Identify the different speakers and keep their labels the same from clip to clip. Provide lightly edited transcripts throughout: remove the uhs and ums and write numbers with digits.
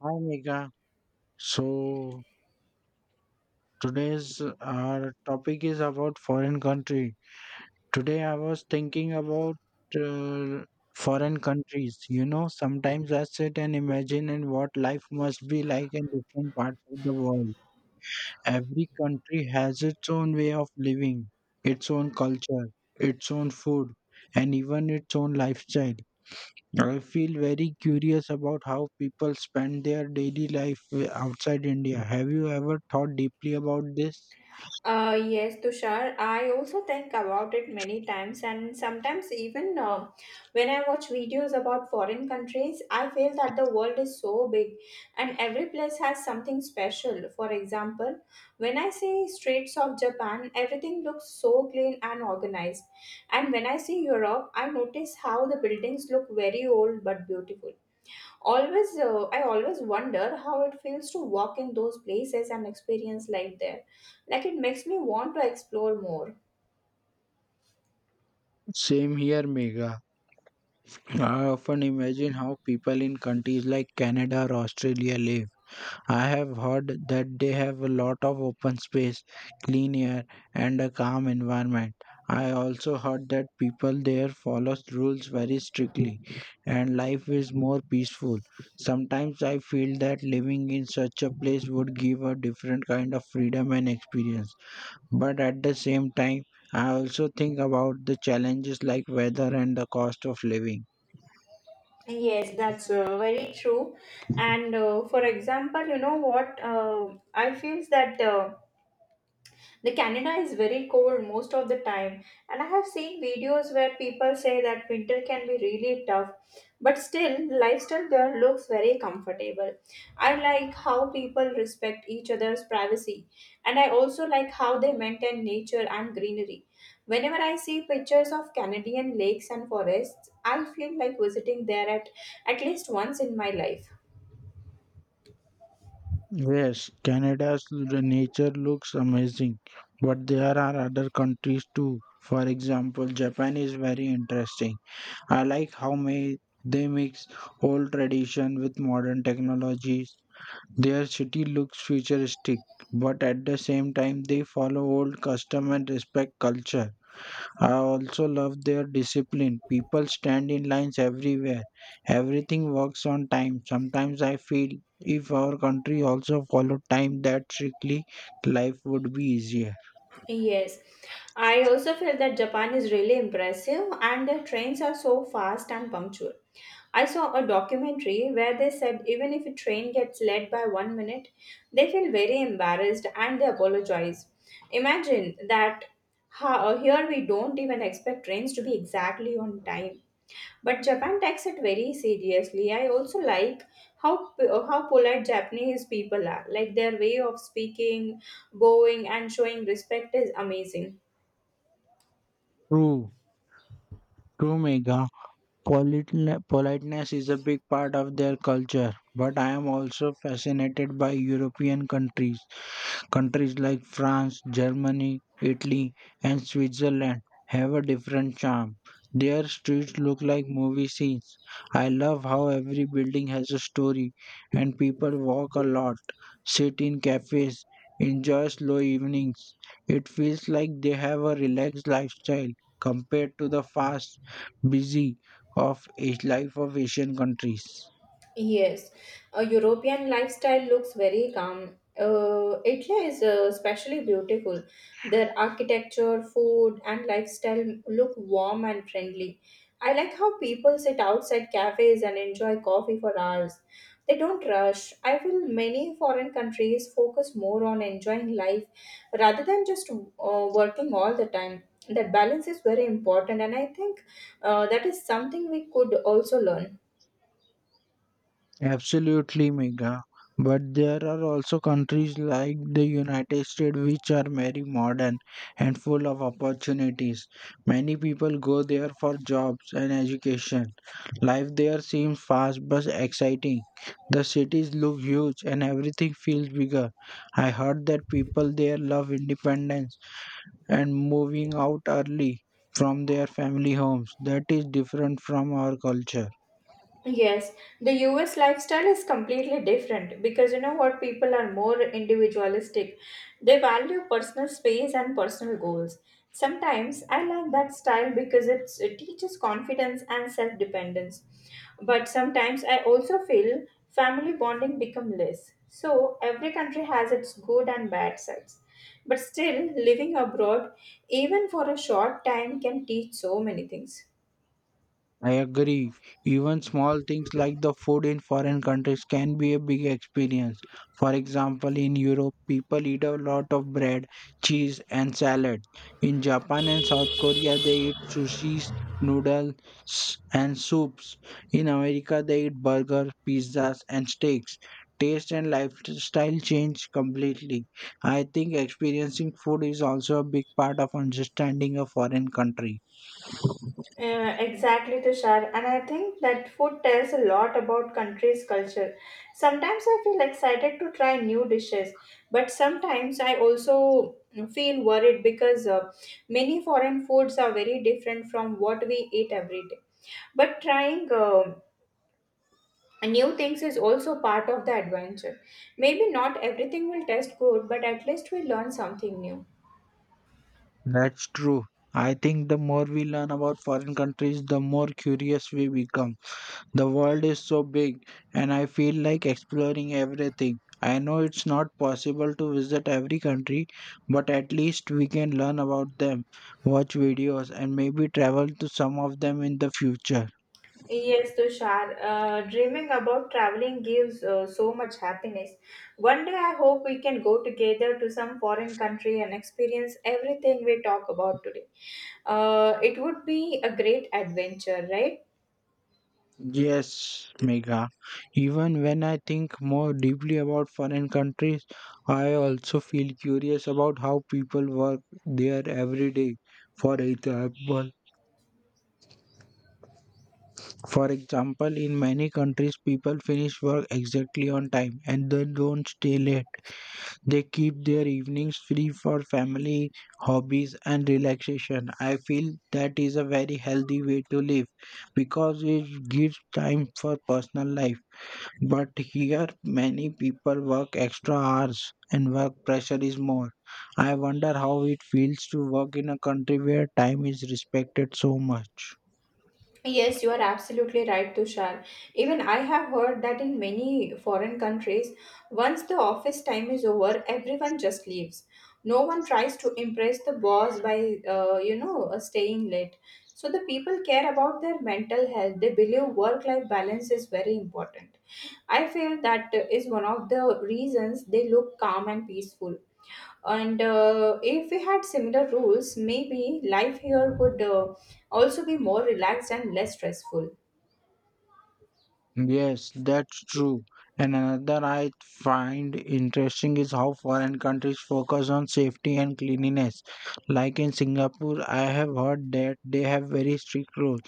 Speaker 1: Hi Megha. So today's our topic is about foreign country. Today I was thinking about uh, foreign countries. You know, sometimes I sit and imagine and what life must be like in different parts of the world. Every country has its own way of living, its own culture, its own food, and even its own lifestyle. I feel very curious about how people spend their daily life outside India. Have you ever thought deeply about this?
Speaker 2: Yes, Tushar. I also think about it many times, and sometimes even when I watch videos about foreign countries, I feel that the world is so big and every place has something special. For example, when I see streets of Japan, everything looks so clean and organized. And when I see Europe, I notice how the buildings look very old but beautiful. Always, I always wonder how it feels to walk in those places and experience life there. Like, it makes me want to explore more.
Speaker 1: Same here, Mega. I often imagine how people in countries like Canada or Australia live. I have heard that they have a lot of open space, clean air, and a calm environment. I also heard that people there follow rules very strictly and life is more peaceful. Sometimes I feel that living in such a place would give a different kind of freedom and experience. But at the same time, I also think about the challenges like weather and the cost of living.
Speaker 2: Yes, that's very true. And for example, you know what, I feels that the Canada is very cold most of the time, and I have seen videos where people say that winter can be really tough, but still, lifestyle there looks very comfortable. I like how people respect each other's privacy, and I also like how they maintain nature and greenery. Whenever I see pictures of Canadian lakes and forests, I feel like visiting there at least once in my life.
Speaker 1: Yes, nature looks amazing, but there are other countries too. For example, Japan is very interesting. I like how may they mix old tradition with modern technologies. Their city looks futuristic, but at the same time they follow old custom and respect culture. I also love their discipline. People stand in lines everywhere. Everything works on time. Sometimes I feel if our country also followed time that strictly, life would be easier.
Speaker 2: Yes, I also feel that Japan is really impressive and their trains are so fast and punctual. I saw a documentary where they said even if a train gets late by one minute, they feel very embarrassed and they apologize. Imagine that. How, here we don't even expect trains to be exactly on time. But Japan takes it very seriously. I also like how polite Japanese people are. Like, their way of speaking, bowing, and showing respect is amazing.
Speaker 1: True, true, Mega. Politeness is a big part of their culture, but I am also fascinated by European countries. Countries like France, Germany, Italy, and Switzerland have a different charm. Their streets look like movie scenes. I love how every building has a story, and people walk a lot, sit in cafes, enjoy slow evenings. It feels like they have a relaxed lifestyle compared to the fast, busy of life of Asian countries.
Speaker 2: Yes, a European lifestyle looks very calm. Italy is especially beautiful. Their architecture, food, and lifestyle look warm and friendly. I like how people sit outside cafes and enjoy coffee for hours. They don't rush. I feel many foreign countries focus more on enjoying life rather than just working all the time. That balance is very important, and I think that is something we could also learn.
Speaker 1: Absolutely, Mega. But there are also countries like the United States which are very modern and full of opportunities. Many people go there for jobs and education. Life there seems fast but exciting. The cities look huge and everything feels bigger. I heard that people there love independence and moving out early from their family homes. That is different from our culture.
Speaker 2: Yes, the US lifestyle is completely different because, you know what, people are more individualistic. They value personal space and personal goals. Sometimes I like that style because it teaches confidence and self-dependence. But sometimes I also feel family bonding become less. So every country has its good and bad sides. But still, living abroad even for a short time can teach so many things.
Speaker 1: I agree. Even small things like the food in foreign countries can be a big experience. For example, in Europe, people eat a lot of bread, cheese, and salad. In Japan and South Korea, they eat sushis, noodles, and soups. In America, they eat burgers, pizzas, and steaks. Taste and lifestyle change completely. I think experiencing food is also a big part of understanding a foreign country.
Speaker 2: Exactly, Tushar. And I think that food tells a lot about country's culture. Sometimes I feel excited to try new dishes, but sometimes I also feel worried because many foreign foods are very different from what we eat every day. But trying new things is also part of the adventure. Maybe not everything will taste good, but at least we learn something new.
Speaker 1: That's true. I think the more we learn about foreign countries, the more curious we become. The world is so big, and I feel like exploring everything. I know it's not possible to visit every country, but at least we can learn about them, watch videos, and maybe travel to some of them in the future.
Speaker 2: Yes, Tushar, dreaming about traveling gives so much happiness. One day I hope we can go together to some foreign country and experience everything we talk about today. It would be a great adventure, right?
Speaker 1: Yes, Megha. Even when I think more deeply about foreign countries, I also feel curious about how people work there every day. For example, for example, in many countries, people finish work exactly on time and they don't stay late. They keep their evenings free for family, hobbies, and relaxation. I feel that is a very healthy way to live because it gives time for personal life. But here, many people work extra hours and work pressure is more. I wonder how it feels to work in a country where time is respected so much.
Speaker 2: Yes, you are absolutely right, Tushar. Even I have heard that in many foreign countries, once the office time is over, everyone just leaves. No one tries to impress the boss by, staying late. So the people care about their mental health. They believe work-life balance is very important. I feel that is one of the reasons they look calm and peaceful, and if we had similar rules, maybe life here would also be more relaxed and less stressful.
Speaker 1: Yes, that's true. And another I find interesting is how foreign countries focus on safety and cleanliness. Like in Singapore, I have heard that they have very strict rules.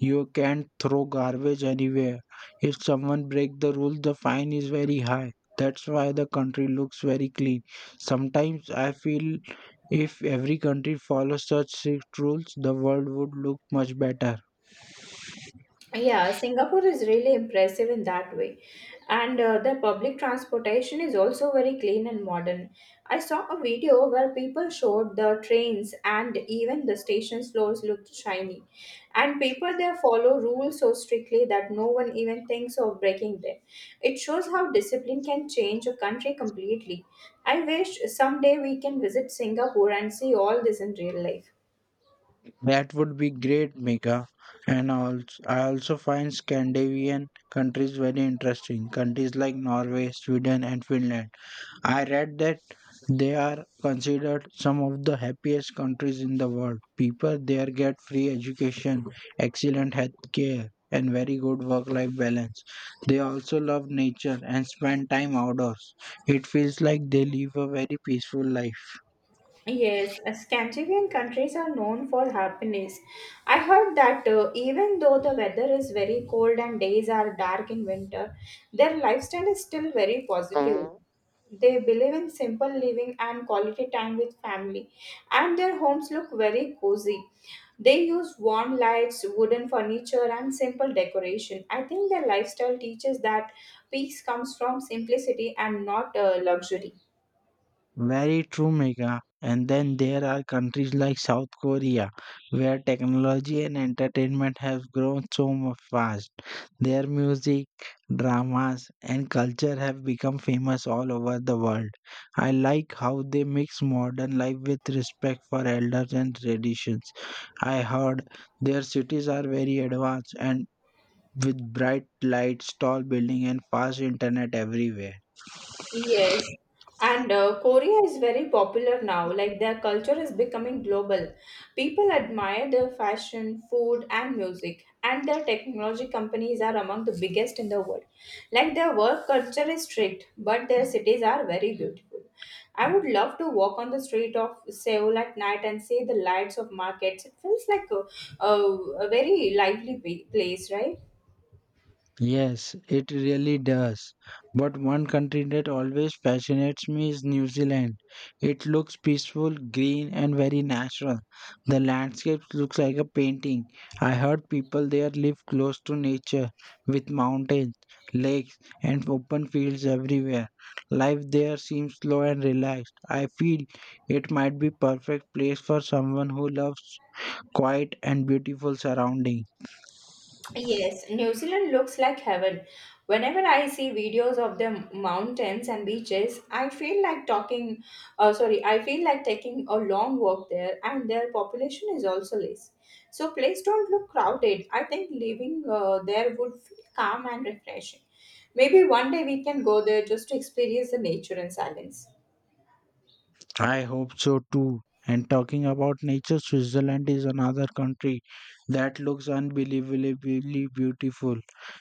Speaker 1: You can't throw garbage anywhere. If someone break the rule, the fine is very high. That's why the country looks very clean. Sometimes I feel if every country follows such strict rules, the world would look much better.
Speaker 2: Yeah, Singapore is really impressive in that way. And their public transportation is also very clean and modern. I saw a video where people showed the trains and even the station floors looked shiny. And people there follow rules so strictly that no one even thinks of breaking them. It shows how discipline can change a country completely. I wish someday we can visit Singapore and see all this in real life.
Speaker 1: That would be great, Mika. And also, I also find Scandinavian countries very interesting. Countries like Norway, Sweden, and Finland. I read that they are considered some of the happiest countries in the world. People there get free education, excellent health care, and very good work life balance. They also love nature and spend time outdoors. It feels like they live a very peaceful life.
Speaker 2: Yes, Scandinavian countries are known for happiness. I heard that even though the weather is very cold and days are dark in winter, their lifestyle is still very positive. They believe in simple living and quality time with family, and their homes look very cozy. They use warm lights, wooden furniture, and simple decoration. I think their lifestyle teaches that peace comes from simplicity and not luxury.
Speaker 1: Very true, Megha. And then there are countries like South Korea, where technology and entertainment have grown fast. Their music, dramas, and culture have become famous all over the world. I like how they mix modern life with respect for elders and traditions. I heard their cities are very advanced and with bright lights, tall buildings, and fast internet everywhere.
Speaker 2: Yes, and Korea is very popular now. Like, their culture is becoming global. People admire their fashion, food, and music, and their technology companies are among the biggest in the world. Like, their work culture is strict, but their cities are very beautiful. I would love to walk on the street of Seoul at night and see the lights of markets. It feels like a, a very lively pa- place, right?
Speaker 1: Yes, it really does. But one country that always fascinates me is New Zealand. It looks peaceful, green, and very natural. The landscape looks like a painting. I heard people there live close to nature with mountains, lakes, and open fields everywhere. Life there seems slow and relaxed. I feel it might be perfect place for someone who loves quiet and beautiful surroundings.
Speaker 2: Yes, New Zealand looks like heaven. Whenever I see videos of the mountains and beaches, I feel like talking, sorry, I feel like taking a long walk there, and their population is also less. So, place don't look crowded. I think living there would feel calm and refreshing. Maybe one day we can go there just to experience the nature and silence.
Speaker 1: I hope so too. And talking about nature, Switzerland is another country that looks unbelievably beautiful.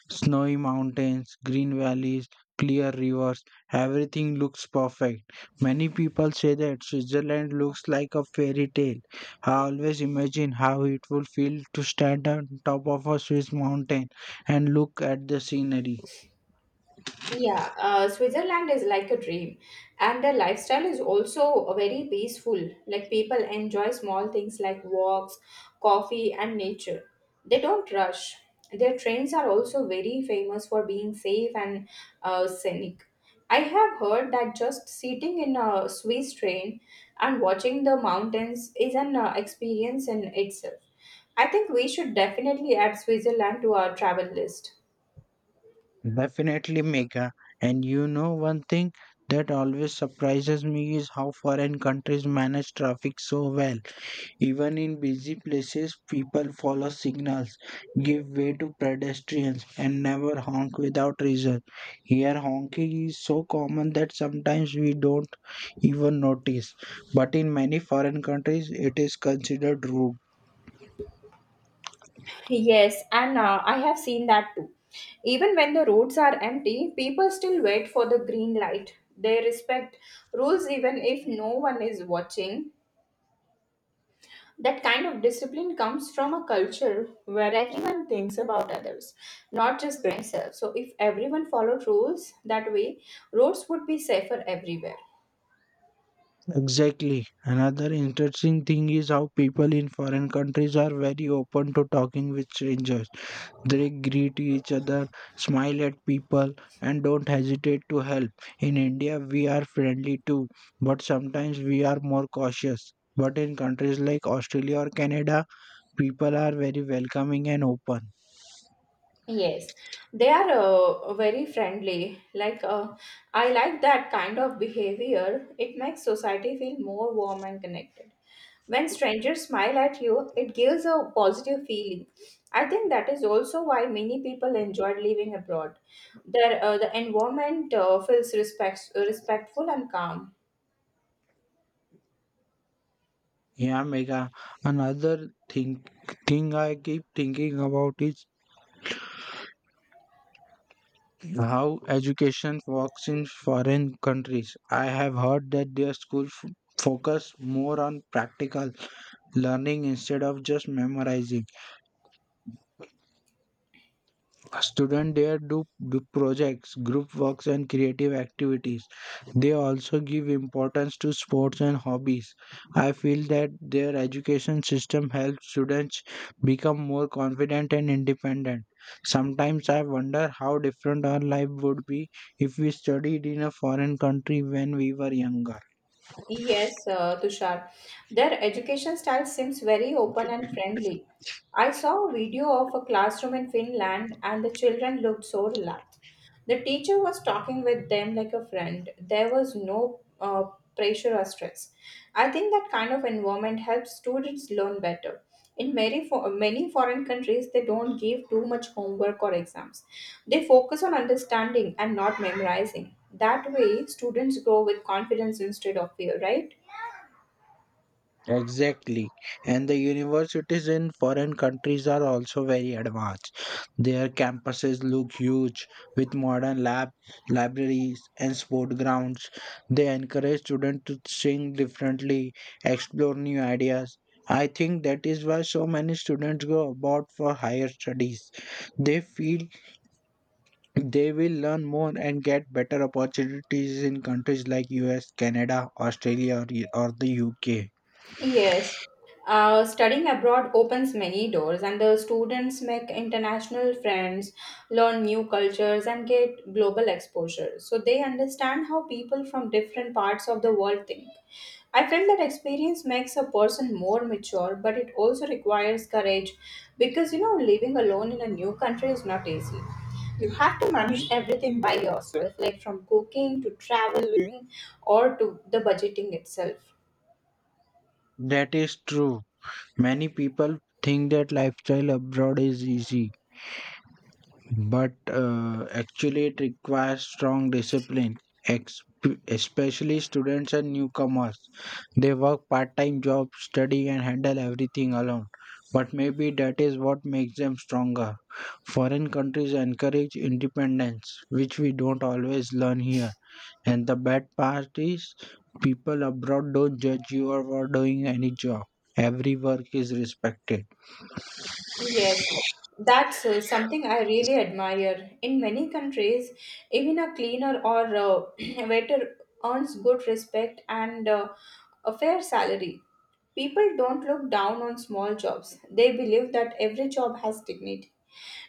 Speaker 1: Snowy mountains, green valleys, clear rivers, everything looks perfect. Many people say that Switzerland looks like a fairy tale. I always imagine how it would feel to stand on top of a Swiss mountain and look at the scenery.
Speaker 2: Yeah, Switzerland is like a dream, and the lifestyle is also very peaceful. Like, people enjoy small things like walks, coffee, and nature. They don't rush. Their trains are also very famous for being safe and scenic. I have heard that just sitting in a Swiss train and watching the mountains is an experience in itself. I think we should definitely add Switzerland to our travel list.
Speaker 1: Definitely, Megha. And you know, one thing that always surprises me is how foreign countries manage traffic so well. Even in busy places, people follow signals, give way to pedestrians, and never honk without reason. Here, honking is so common that sometimes we don't even notice. But in many foreign countries, it is considered rude.
Speaker 2: Yes, and I have seen that too. Even when the roads are empty, people still wait for the green light. They respect rules even if no one is watching. That kind of discipline comes from a culture where everyone thinks about others, not just themselves. So, if everyone followed rules that way, roads would be safer everywhere.
Speaker 1: Exactly. Another interesting thing is how people in foreign countries are very open to talking with strangers. They greet each other, smile at people, and don't hesitate to help. In India, we are friendly too, but sometimes we are more cautious. But in countries like Australia or Canada, people are very welcoming and open.
Speaker 2: Yes, they are very friendly. I like that kind of behavior. It makes society feel more warm and connected. When strangers smile at you, it gives a positive feeling. I think that is also why many people enjoyed living abroad. There, the environment feels respectful and calm.
Speaker 1: Yeah, Mega. Another thing I keep thinking about is how education works in foreign countries. I have heard that their schools focus more on practical learning instead of just memorizing. Students there do projects, group works, and creative activities. They also give importance to sports and hobbies. I feel that their education system helps students become more confident and independent. Sometimes I wonder how different our life would be if we studied in a foreign country when we were younger.
Speaker 2: Yes, Tushar. Their education style seems very open and friendly. I saw a video of a classroom in Finland and the children looked so relaxed. The teacher was talking with them like a friend. There was no pressure or stress. I think that kind of environment helps students learn better. In many foreign countries, they don't give too much homework or exams. They focus on understanding and not memorizing. That way, students grow with confidence instead of fear, right?
Speaker 1: Exactly. And the universities in foreign countries are also very advanced. Their campuses look huge with modern lab libraries and sport grounds. They encourage students to think differently, explore new ideas. I think that is why so many students go abroad for higher studies. They feel they will learn more and get better opportunities in countries like US, Canada, Australia, or the UK.
Speaker 2: Yes, studying abroad opens many doors, and the students make international friends, learn new cultures, and get global exposure. So they understand how people from different parts of the world think. I felt that experience makes a person more mature, but it also requires courage because, you know, living alone in a new country is not easy. You have to manage everything by yourself, like from cooking to traveling or to the budgeting itself.
Speaker 1: That is true. Many people think that lifestyle abroad is easy, but actually it requires strong discipline, ex- especially students and newcomers. They work part time jobs, study, and handle everything alone. But maybe that is what makes them stronger. Foreign countries encourage independence, which we don't always learn here. And the bad part is, people abroad don't judge you for doing any job. Every work is respected.
Speaker 2: Yes, that's something I really admire. In many countries, even a cleaner or waiter earns good respect and a fair salary. People don't look down on small jobs. They believe that every job has dignity.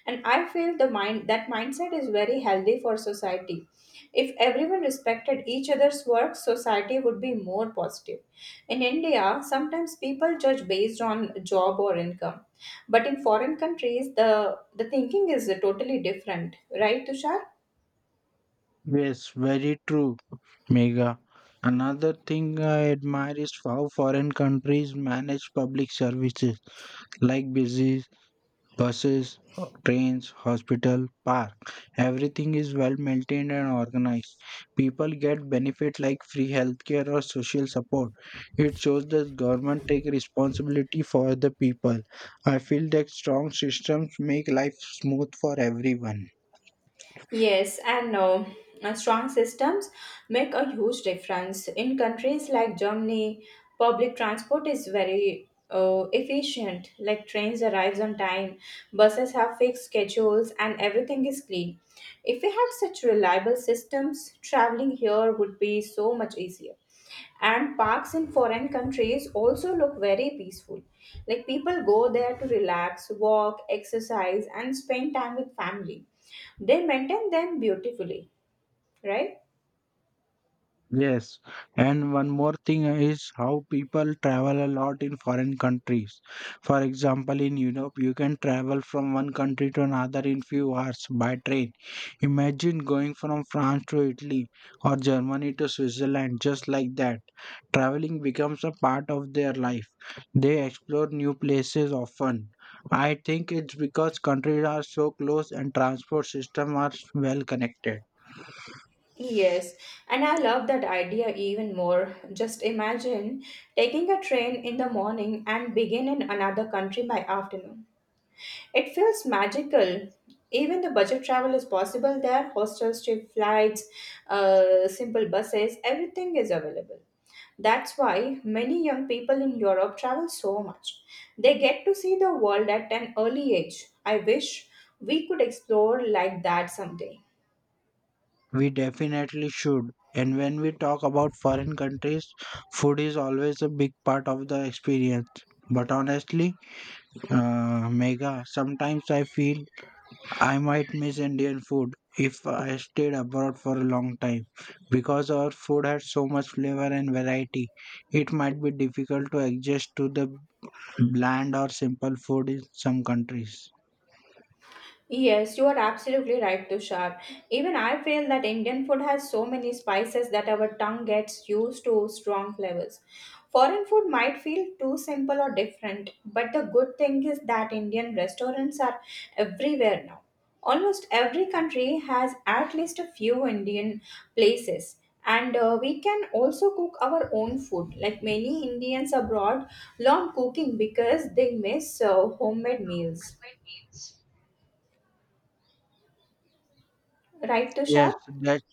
Speaker 2: And I feel the mind that mindset is very healthy for society. If everyone respected each other's work, society would be more positive. In India, sometimes people judge based on job or income. But in foreign countries, the thinking is totally different, right, Tushar?
Speaker 1: Yes, very true, Mega. Another thing I admire is how foreign countries manage public services like buses, trains, hospital, park. Everything is well maintained and organized. People get benefit like free healthcare or social support. It shows that government take responsibility for the people. I feel that strong systems make life smooth for everyone.
Speaker 2: Yes and no. Strong systems make a huge difference. In countries like Germany, public transport is very efficient. Like, trains arrives on time, buses have fixed schedules, and everything is clean. If we had such reliable systems, traveling here would be so much easier, and parks in foreign countries also look very peaceful. Like, people go there to relax, walk, exercise, and spend time with family. They maintain them beautifully, right?
Speaker 1: Yes, and one more thing is how people travel a lot in foreign countries. For example, in Europe, you can travel from one country to another in few hours by train. Imagine going from France to Italy or Germany to Switzerland just like that. Traveling becomes a part of their life. They explore new places often. I think it's because countries are so close and transport systems are well connected.
Speaker 2: Yes, and I love that idea even more. Just imagine taking a train in the morning and begin in another country by afternoon. It feels magical. Even the budget travel is possible there. Hostels, cheap flights, simple buses, everything is available. That's why many young people in Europe travel so much. They get to see the world at an early age. I wish we could explore like that someday.
Speaker 1: We definitely should. And when we talk about foreign countries, food is always a big part of the experience. But honestly, Mega, sometimes I feel I might miss Indian food if I stayed abroad for a long time. Because our food has so much flavor and variety, it might be difficult to adjust to the bland or simple food in some countries.
Speaker 2: Yes, you are absolutely right, Tushar. Even I feel that Indian food has so many spices that our tongue gets used to strong flavors. Foreign food might feel too simple or different, but the good thing is that Indian restaurants are everywhere now. Almost every country has at least a few Indian places. And we can also cook our own food. Like, many Indians abroad, learn cooking because they miss homemade meals. Right,
Speaker 1: Yes,
Speaker 2: Tushar?
Speaker 1: that's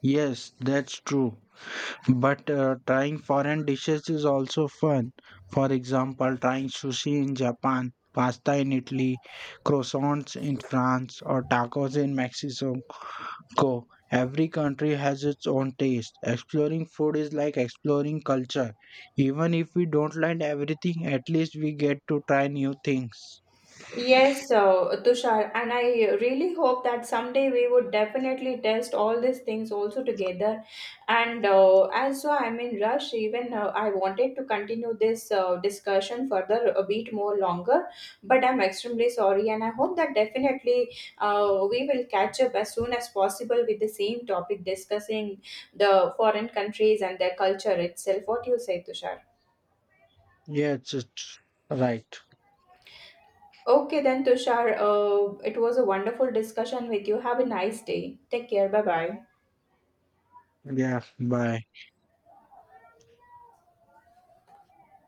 Speaker 1: yes, that's true. But trying foreign dishes is also fun. For example, trying sushi in Japan, pasta in Italy, croissants in France, or tacos in Mexico. Every country has its own taste. Exploring food is like exploring culture. Even if we don't like everything, at least we get to try new things.
Speaker 2: Yes, so Tushar, and I really hope that someday we would definitely test all these things also together. And as so I'm in rush, even I wanted to continue this discussion further a bit more longer, but I'm extremely sorry, and I hope that definitely we will catch up as soon as possible with the same topic discussing the foreign countries and their culture itself. What do you say, Tushar?
Speaker 1: Yes, it's right.
Speaker 2: Okay, then, Tushar, it was a wonderful discussion with you. Have a nice day. Take care. Bye bye.
Speaker 1: Yeah, bye.